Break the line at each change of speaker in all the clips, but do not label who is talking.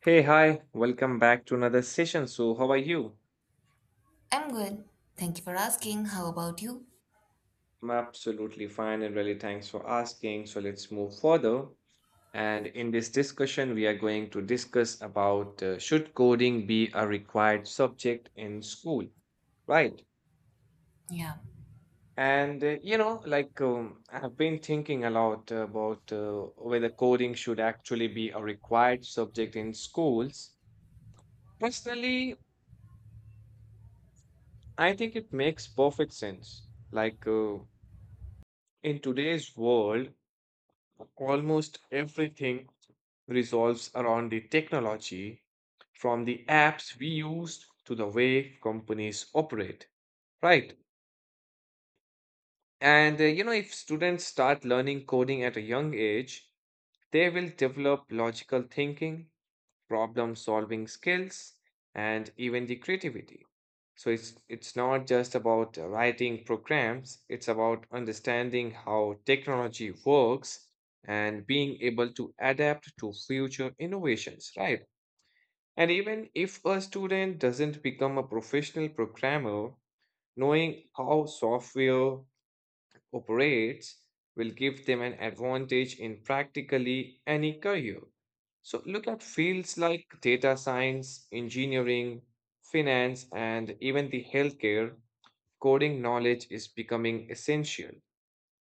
Hey, hi, welcome back to another session. So, how are you?
I'm good. Thank you for asking. How about you?
I'm absolutely fine and really thanks for asking. So, let's move further. And in this discussion, we are going to discuss about should coding be a required subject in school, right?
Yeah,
And you know, like I've been thinking a lot about whether coding should actually be a required subject in schools. Personally, I think it makes perfect sense. In today's world, almost everything resolves around the technology, from the apps we use to the way companies operate, right? And if students start learning coding at a young age, they will develop logical thinking, problem solving skills, and even the creativity. So it's not just about writing programs. It's about understanding how technology works and being able to adapt to future innovations, right? And even if a student doesn't become a professional programmer, knowing how software operates will give them an advantage in practically any career. So look at fields like data science, engineering, finance, and even the healthcare. Coding knowledge is becoming essential.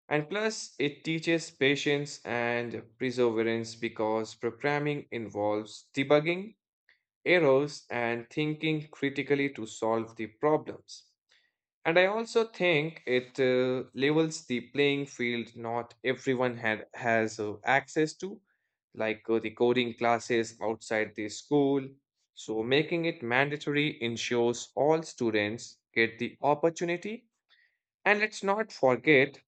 And plus, it teaches patience and perseverance because programming involves debugging, errors, and thinking critically to solve the problems. And I also think it levels the playing field. Not has access to, the coding classes outside the school. So, making it mandatory ensures all students get the opportunity. And let's not forget,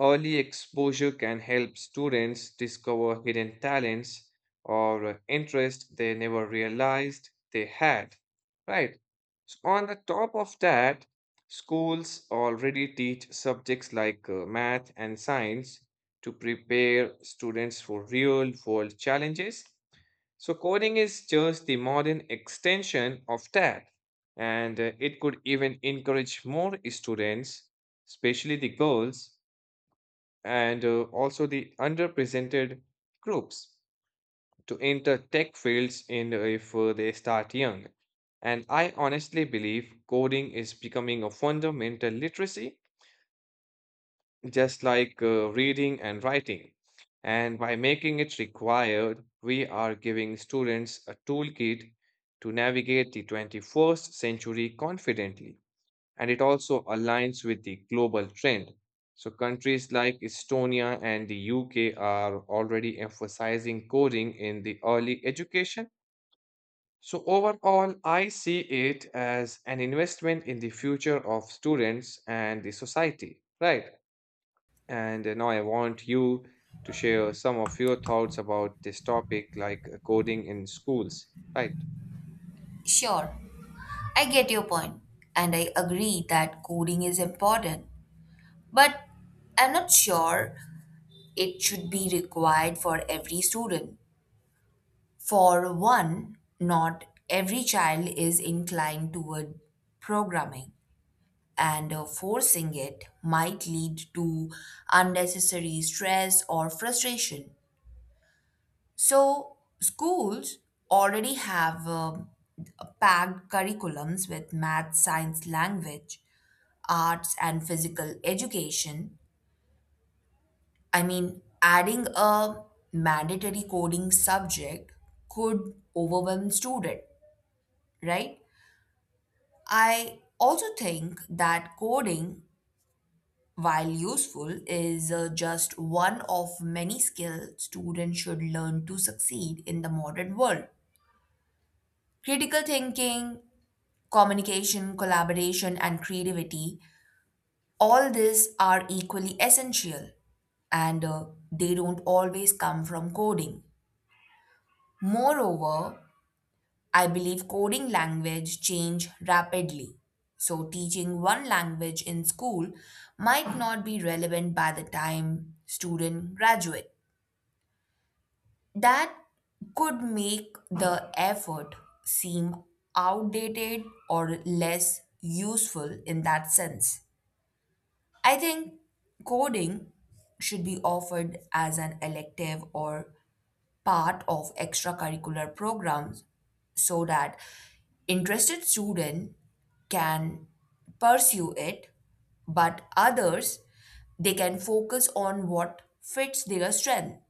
early exposure can help students discover hidden talents or interests they never realized they had, right? So, on the top of that, schools already teach subjects like math and science to prepare students for real world challenges. So, coding is just the modern extension of that, and it could even encourage more students, especially the girls and also the underrepresented groups to enter tech fields in if they start young. And I honestly believe coding is becoming a fundamental literacy, just like reading and writing. And by making it required, we are giving students a toolkit to navigate the 21st century confidently, and it also aligns with the global trend. So, countries like Estonia and the UK are already emphasizing coding in the early education. So, overall, I see it as an investment in the future of students and the society, right? And now I want you to share some of your thoughts about this topic, like coding in schools, right?
sure. I get your point, and I agree that coding is important, but I'm not sure it should be required for every student. For one, not every child is inclined toward programming, and forcing it might lead to unnecessary stress or frustration. So, schools already have packed curriculums with math, science, language, arts, and physical education. I mean, adding a mandatory coding subject could overwhelm students, right? I also think that coding, while useful, is just one of many skills students should learn to succeed in the modern world. Critical thinking, communication, collaboration, and creativity, all these are equally essential, and they don't always come from coding. Moreover, I believe coding language change rapidly. So teaching one language in school might not be relevant by the time student graduate. That could make the effort seem outdated or less useful in that sense. I think coding should be offered as an elective or part of extracurricular programs so that interested students can pursue it, but others they can focus on what fits their strength.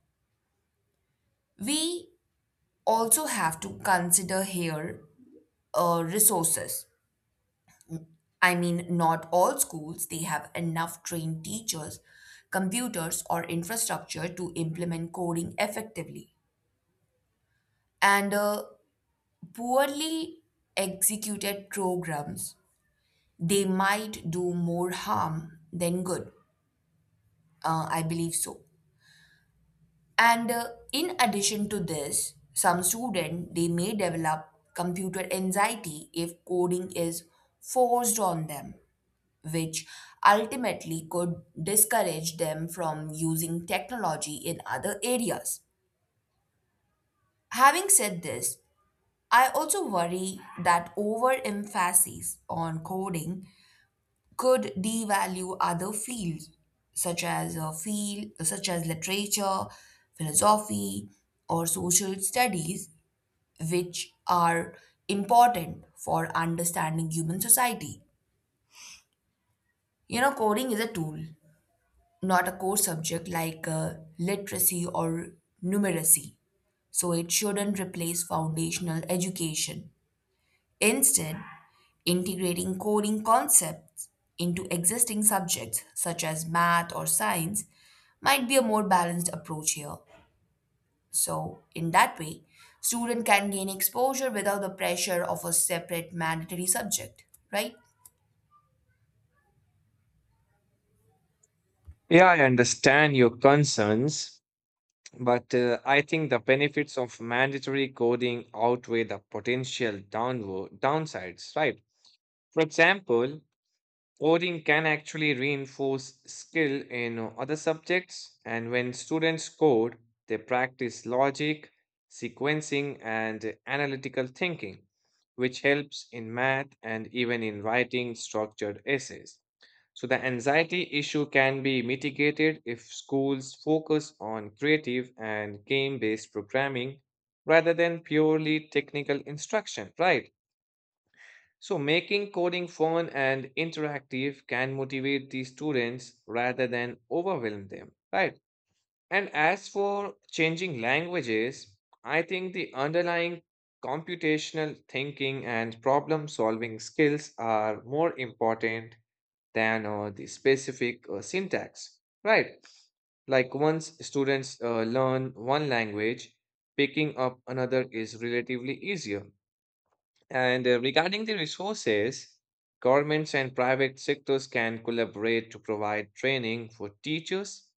We also have to consider here, resources. I mean, not all schools they have enough trained teachers, computers or infrastructure to implement coding effectively. And poorly executed programs they might do more harm than good. I believe so. And in addition to this, some student they may develop computer anxiety if coding is forced on them, which ultimately could discourage them from using technology in other areas. Having said this, I also worry that overemphasis on coding could devalue other fields such as literature, philosophy, or social studies, which are important for understanding human society. You know, coding is a tool, not a core subject like literacy or numeracy, so it shouldn't replace foundational education. Instead, integrating coding concepts into existing subjects such as math or science might be a more balanced approach here. So, in that way, student can gain exposure without the pressure of a separate mandatory subject, right?
Yeah, I understand your concerns. But I think the benefits of mandatory coding outweigh the potential downward downsides, right? For example, coding can actually reinforce skill in other subjects, and when students code, they practice logic, sequencing, and analytical thinking, which helps in math and even in writing structured essays. So, the anxiety issue can be mitigated if schools focus on creative and game based programming rather than purely technical instruction, right? So, making coding fun and interactive can motivate the students rather than overwhelm them, right? And as for changing languages, I think the underlying computational thinking and problem solving skills are more important than the specific syntax, right? Like once students learn one language, picking up another is relatively easier. And regarding the resources, governments and private sectors can collaborate to provide training for teachers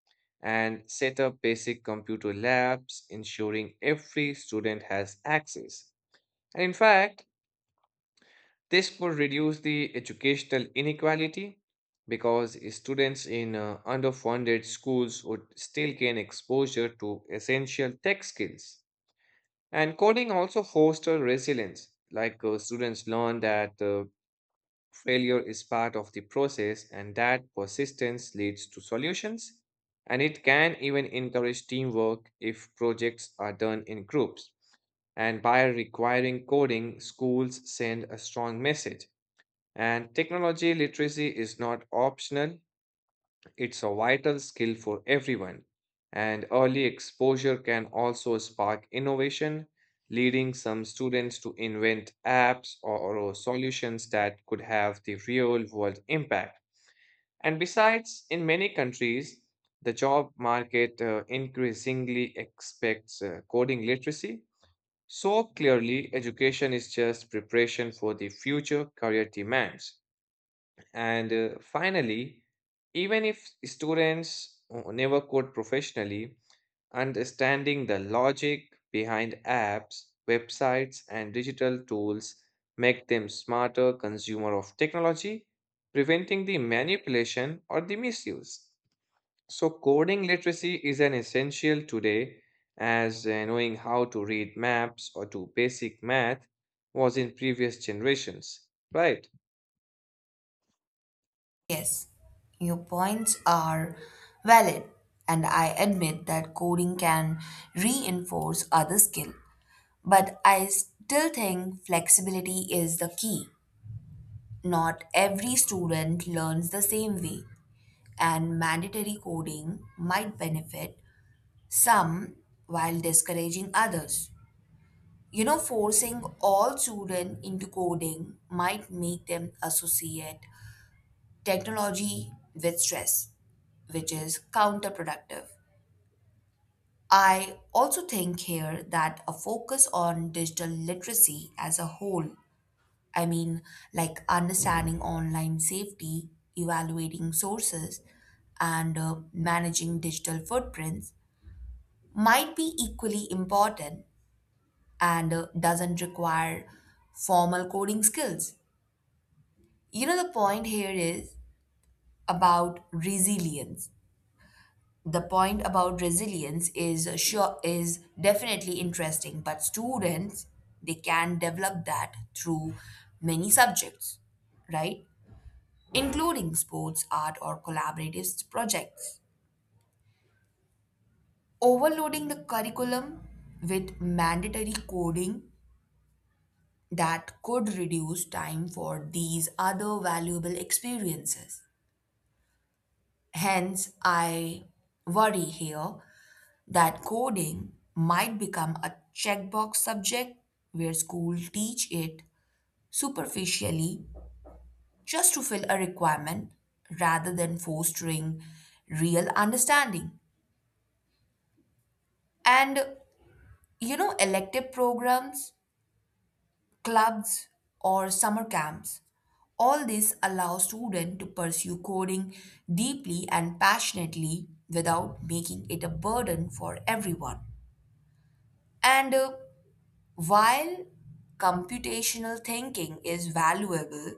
and set up basic computer labs, ensuring every student has access. And in fact, this would reduce the educational inequality because students in underfunded schools would still gain exposure to essential tech skills. And coding also fosters resilience, like students learn that failure is part of the process and that persistence leads to solutions. And it can even encourage teamwork if projects are done in groups. And by requiring coding, schools send a strong message and technology literacy is not optional, it's a vital skill for everyone. And early exposure can also spark innovation, leading some students to invent apps or solutions that could have the real world impact. And besides, in many countries, the job market increasingly expects coding literacy. So clearly, education is just preparation for the future career demands. And finally, even if students never code professionally, understanding the logic behind apps, websites, and digital tools make them smarter consumer of technology, preventing the manipulation or the misuse. So coding literacy is an essential today as knowing how to read maps or do basic math was in previous generations, right?
Yes, your points are valid, and I admit that coding can reinforce other skill, but I still think flexibility is the key. Not every student learns the same way, and mandatory coding might benefit some while discouraging others. You know, forcing all students into coding might make them associate technology with stress, which is counterproductive. I also think here that a focus on digital literacy as a whole, I mean, like understanding online safety, evaluating sources, and managing digital footprints, might be equally important and doesn't require formal coding skills. You know, about resilience the point about resilience is sure is definitely interesting, but students they can develop that through many subjects, right, including sports, art, or collaborative projects. Overloading the curriculum with mandatory coding, that could reduce time for these other valuable experiences. Hence I worry here that coding might become a checkbox subject where schools teach it superficially just to fill a requirement rather than fostering real understanding. And you know, elective programs, clubs, or summer camps. All this allows students to pursue coding deeply and passionately without making it a burden for everyone. And While computational thinking is valuable,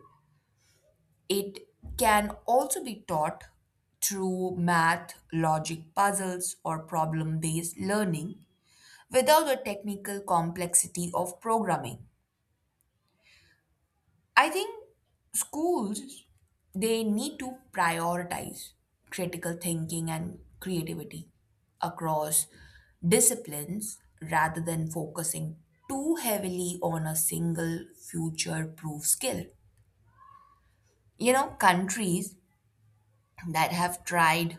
it can also be taught through math, logic puzzles, or problem based learning without the technical complexity of programming. I think schools they need to prioritize critical thinking and creativity across disciplines rather than focusing too heavily on a single future proof skill. You know, countries that have tried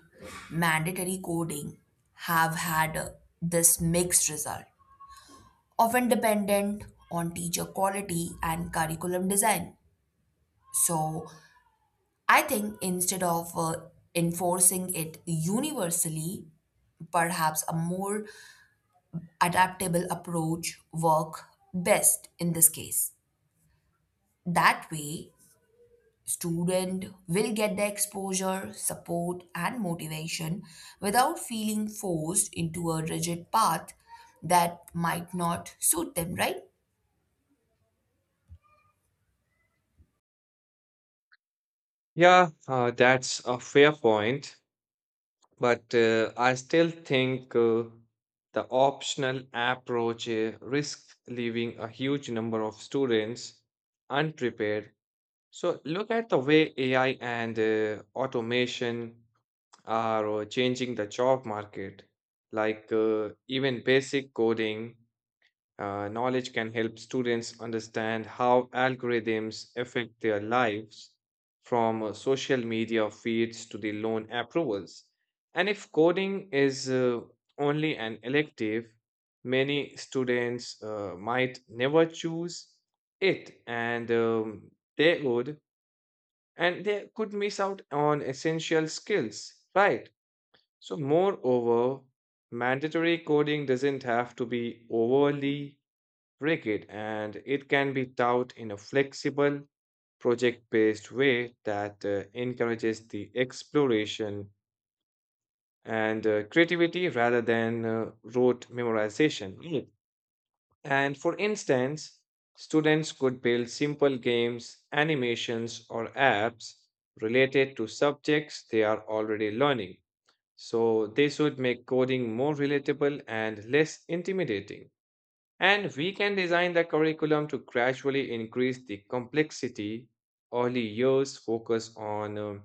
mandatory coding have had this mixed result, often dependent on teacher quality and curriculum design. So, I think instead of enforcing it universally, perhaps a more adaptable approach work best in this case. That way, student will get the exposure, support and motivation without feeling forced into a rigid path that might not suit them, right?
Yeah, that's a fair point, but I still think the optional approach risks leaving a huge number of students unprepared. So look at the way AI and automation are changing the job market. Like even basic coding knowledge can help students understand how algorithms affect their lives from social media feeds to the loan approvals. And if coding is only an elective, many students might never choose it, they would and they could miss out on essential skills, right? So, moreover, mandatory coding doesn't have to be overly Cricket, and it can be taught in a flexible, project based way that encourages the exploration and creativity rather than rote memorization. Mm. And for instance, students could build simple games, animations, or apps related to subjects they are already learning. So, this would make coding more relatable and less intimidating. And we can design the curriculum to gradually increase the complexity. Early years focus on um,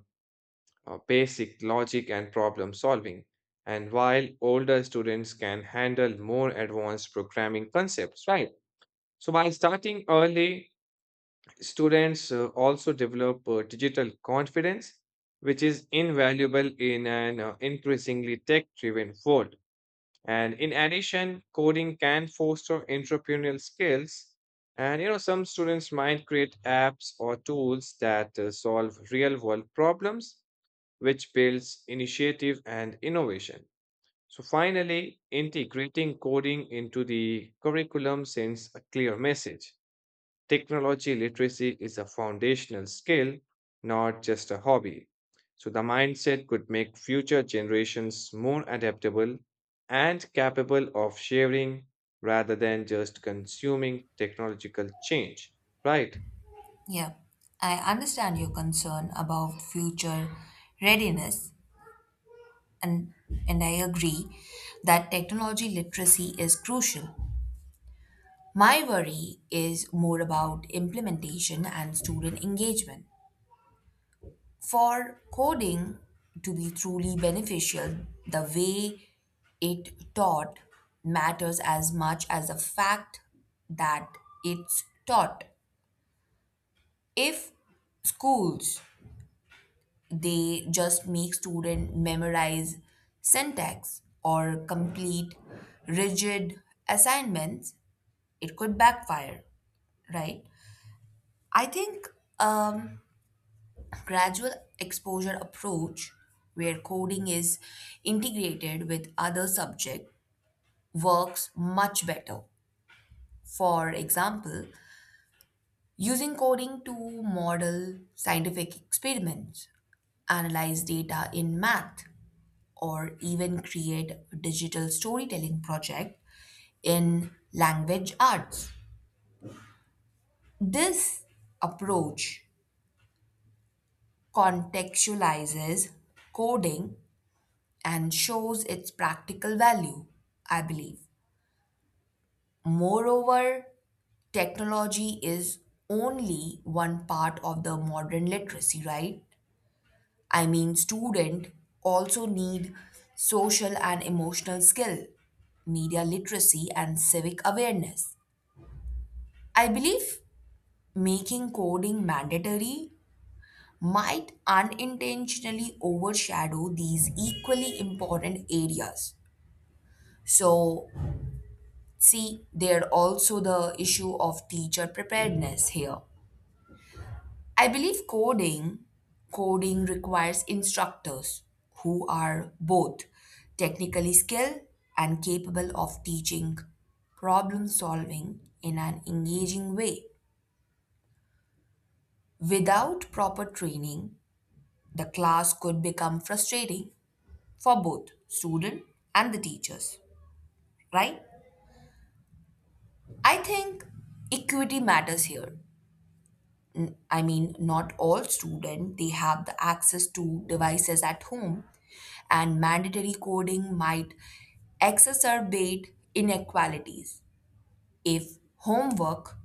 uh, basic logic and problem solving, and while older students can handle more advanced programming concepts, right? So, by starting early, students also develop digital confidence, which is invaluable in an increasingly tech driven world. And in addition, coding can foster entrepreneurial skills. And you know, some students might create apps or tools that solve real world problems, which builds initiative and innovation. So, finally, integrating coding into the curriculum sends a clear message. Technology literacy is a foundational skill, not just a hobby. So, the mindset could make future generations more adaptable and capable of sharing rather than just consuming technological change, right?
Yeah. I understand your concern about future readiness, and, and I agree that technology literacy is crucial. My worry is more about implementation and student engagement. For coding to be truly beneficial, the way it taught matters as much as the fact that it's taught. If schools they just make student memorize syntax or complete rigid assignments, it could backfire, right? I think um, gradual exposure approach where coding is integrated with other subject works much better. For example, using coding to model scientific experiments, analyze data in math, or even create a digital storytelling project in language arts. This approach contextualizes coding and shows its practical value, I believe. Moreover, technology is only one part of the modern literacy, right? I mean, students also need social and emotional skill, media literacy, and civic awareness. I believe making coding mandatory might unintentionally overshadow these equally important areas. So, see, there are also the issue of teacher preparedness here. I believe coding requires instructors who are both technically skilled and capable of teaching problem solving in an engaging way. Without proper training, the class could become frustrating for both student and the teachers, right? I think equity matters here. I mean, not all students they have the access to devices at home, and mandatory coding might exacerbate inequalities if homework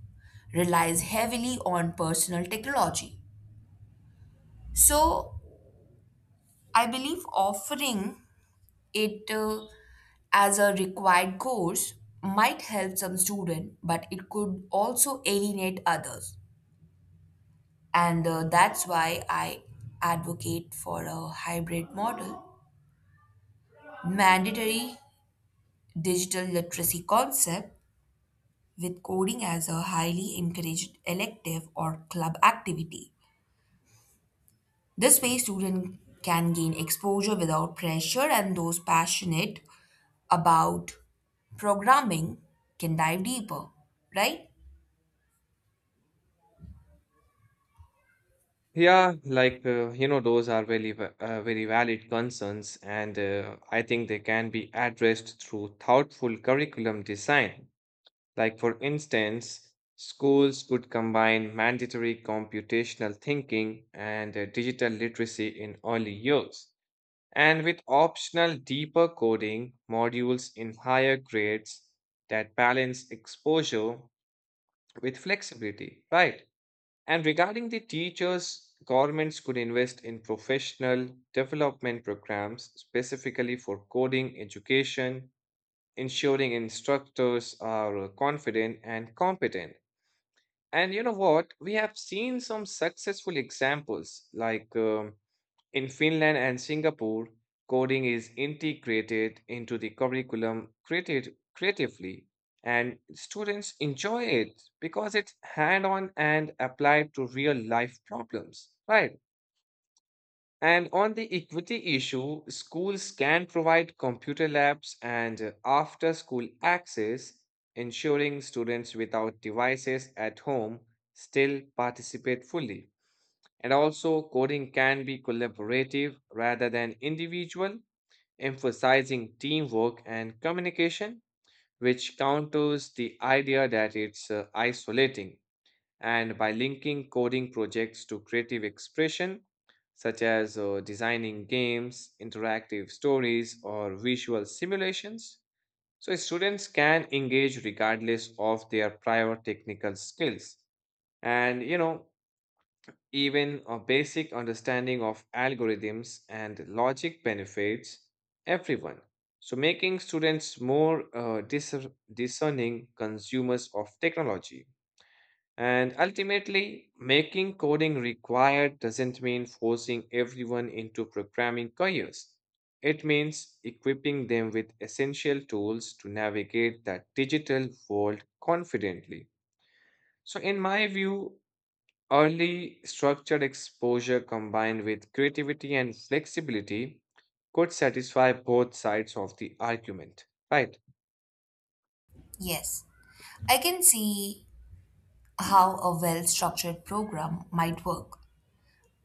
relies heavily on personal technology. So, I believe offering it as a required course might help some student, but it could also alienate others, and that's why I advocate for a hybrid model: mandatory digital literacy concept with coding as a highly encouraged elective or club activity. This way, students can gain exposure without pressure, and those passionate about programming can dive deeper, right?
Yeah, like you know those are very va- very valid concerns, and I think they can be addressed through thoughtful curriculum design. Like, for instance, schools could combine mandatory computational thinking and digital literacy in early years, and with optional deeper coding modules in higher grades that balance exposure with flexibility, right? And regarding the teachers, governments could invest in professional development programs specifically for coding education, ensuring instructors are confident and competent. And you know what? We have seen some successful examples, like in Finland and Singapore, coding is integrated into the curriculum created creatively, and students enjoy it because it's hand-on and applied to real-life problems, right? And on the equity issue, schools can provide computer labs and after school access, ensuring students without devices at home still participate fully. And also, coding can be collaborative rather than individual, emphasizing teamwork and communication, which counters the idea that it's isolating. And by linking coding projects to creative expression, such as designing games, interactive stories, or visual simulations, so students can engage regardless of their prior technical skills. And you know, even a basic understanding of algorithms and logic benefits everyone. So, making students more discerning consumers of technology. And ultimately, making coding required doesn't mean forcing everyone into programming careers. It means equipping them with essential tools to navigate that digital world confidently. So, in my view, early structured exposure combined with creativity and flexibility could satisfy both sides of the argument, right?
Yes, I can see how a well structured program might work,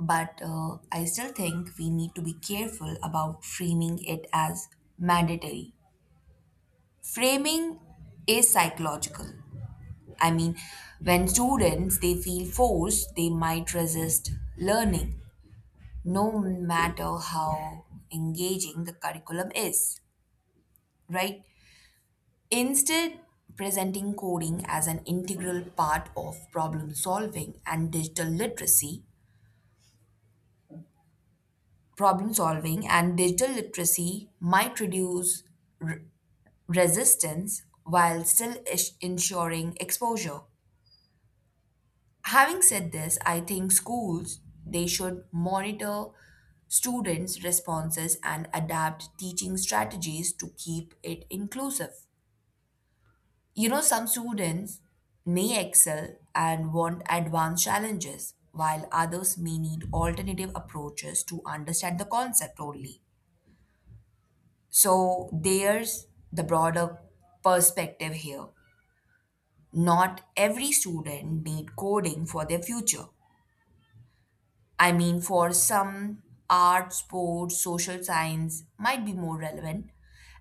but I still think we need to be careful about framing it as mandatory. Framing is psychological. I mean, when students they feel forced, they might resist learning, no matter how engaging the curriculum is, right? Instead, presenting coding as an integral part of problem solving and digital literacy might reduce r- resistance while still ensuring exposure. Having said this, I think schools they should monitor students responses and adapt teaching strategies to keep it inclusive. You know, some students may excel and want advanced challenges while others may need alternative approaches to understand the concept only. So there's the broader perspective here: not every student need coding for their future. I mean, for some, art, sports, social science might be more relevant,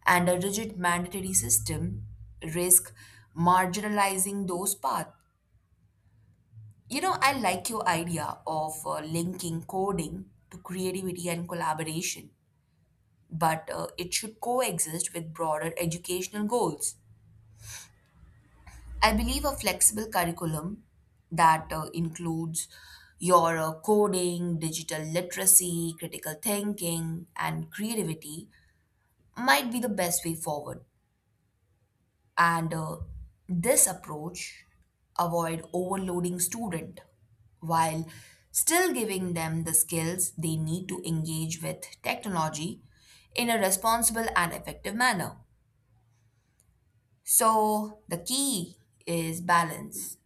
and a rigid mandatory system risk marginalizing those paths. You know, I like your idea of linking coding to creativity and collaboration, but it should coexist with broader educational goals. I believe a flexible curriculum that includes your coding, digital literacy, critical thinking, and creativity might be the best way forward. And this approach avoid overloading student while still giving them the skills they need to engage with technology in a responsible and effective manner. So the key is balance.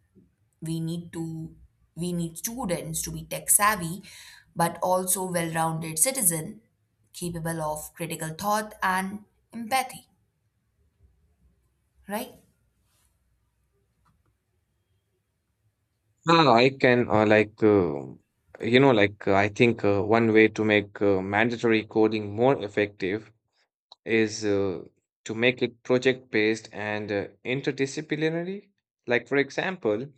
We need students to be tech savvy but also well-rounded citizen capable of critical thought and empathy, right?
I can I think one way to make mandatory coding more effective is to make it project based and interdisciplinary. Like, for example,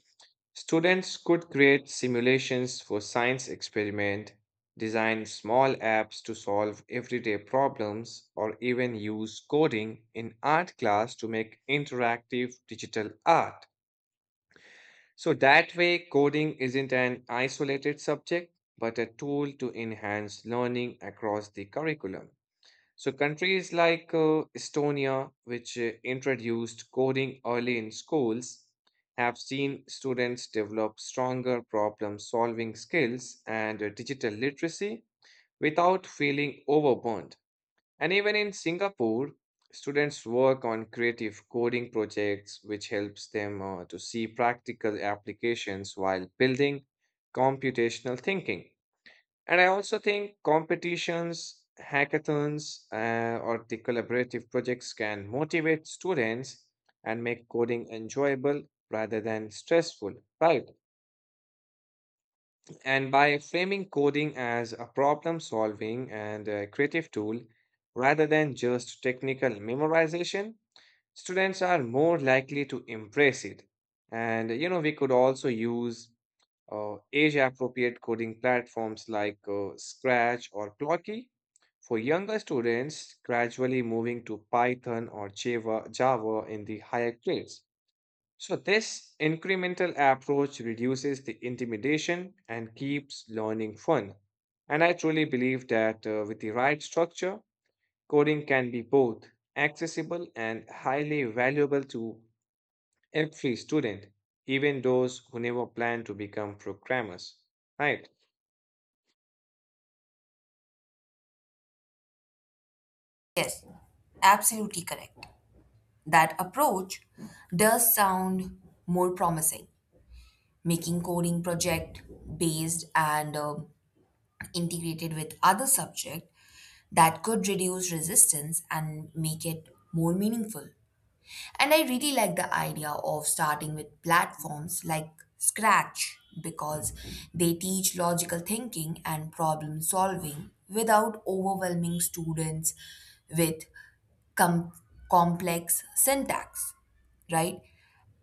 students could create simulations for science experiment, design small apps to solve everyday problems, or even use coding in art class to make interactive digital art. So that way, coding isn't an isolated subject, but a tool to enhance learning across the curriculum. So countries like Estonia, which introduced coding early in schools, have seen students develop stronger problem solving skills and digital literacy without feeling overwhelmed. And even in Singapore, students work on creative coding projects, which helps them to see practical applications while building computational thinking. And I also think competitions, hackathons, or the collaborative projects can motivate students and make coding enjoyable rather than stressful, right? And by framing coding as a problem solving and a creative tool rather than just technical memorization, students are more likely to embrace it. And you know, we could also use age appropriate coding platforms like Scratch or Plotkey for younger students gradually moving to Python or Java in the higher grades. So, this incremental approach reduces the intimidation and keeps learning fun. And I truly believe that with the right structure, coding can be both accessible and highly valuable to every student, even those who never plan to become programmers. Right?
Yes, absolutely correct. That approach does sound more promising. Making coding project based and integrated with other subject, that could reduce resistance and make it more meaningful. And I really like the idea of starting with platforms like Scratch because they teach logical thinking and problem solving without overwhelming students with com- complex syntax, right?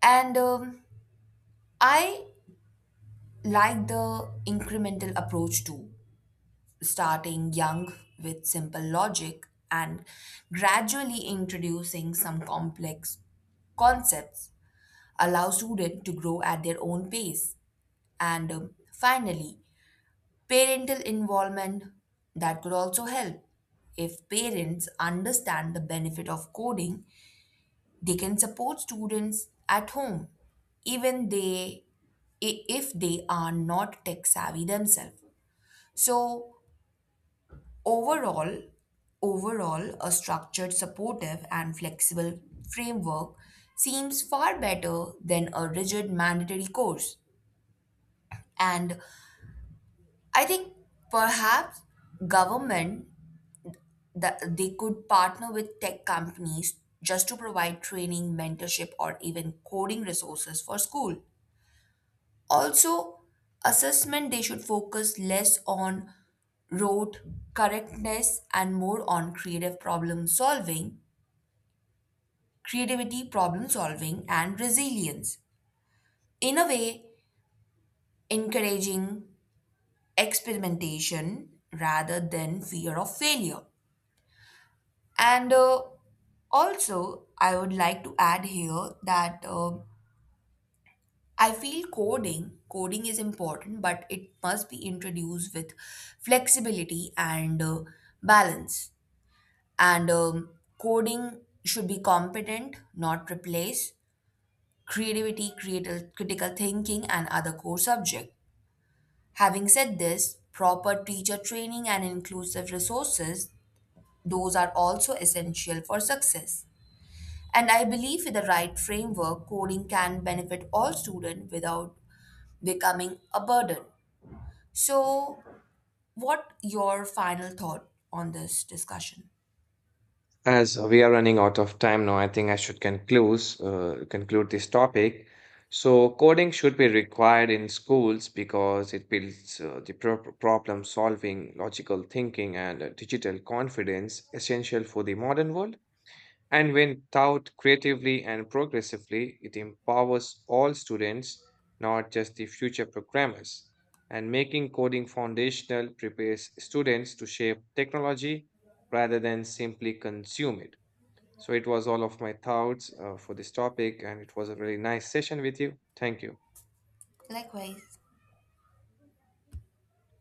And I like the incremental approach too. Starting young with simple logic and gradually introducing some complex concepts allow students to grow at their own pace. And finally, parental involvement, that could also help. If parents understand the benefit of coding, they can support students at home, even if they are not tech savvy themselves. So overall, overall, a structured, supportive, and flexible framework seems far better than a rigid mandatory course. And I think perhaps government that they could partner with tech companies just to provide training, mentorship, or even coding resources for school. Also, assessment they should focus less on rote correctness and more on creativity, problem solving, and resilience. In a way, encouraging experimentation rather than fear of failure. And also, I would like to add here that I feel coding is important, but it must be introduced with flexibility and balance. And coding should be competent, not replace creative, critical thinking, and other core subject. Having said this, proper teacher training and inclusive resources, those are also essential for success. And I believe with the right framework, coding can benefit all students without becoming a burden. So, what your final thought on this discussion?
As we are running out of time now, I think I should conclude this topic. So coding should be required in schools because it builds the problem solving, logical thinking, and digital confidence essential for the modern world. And when taught creatively and progressively, it empowers all students, not just the future programmers. And making coding foundational prepares students to shape technology rather than simply consume it. So it was all of my thoughts for this topic, and it was a really nice session with you. Thank you.
Likewise.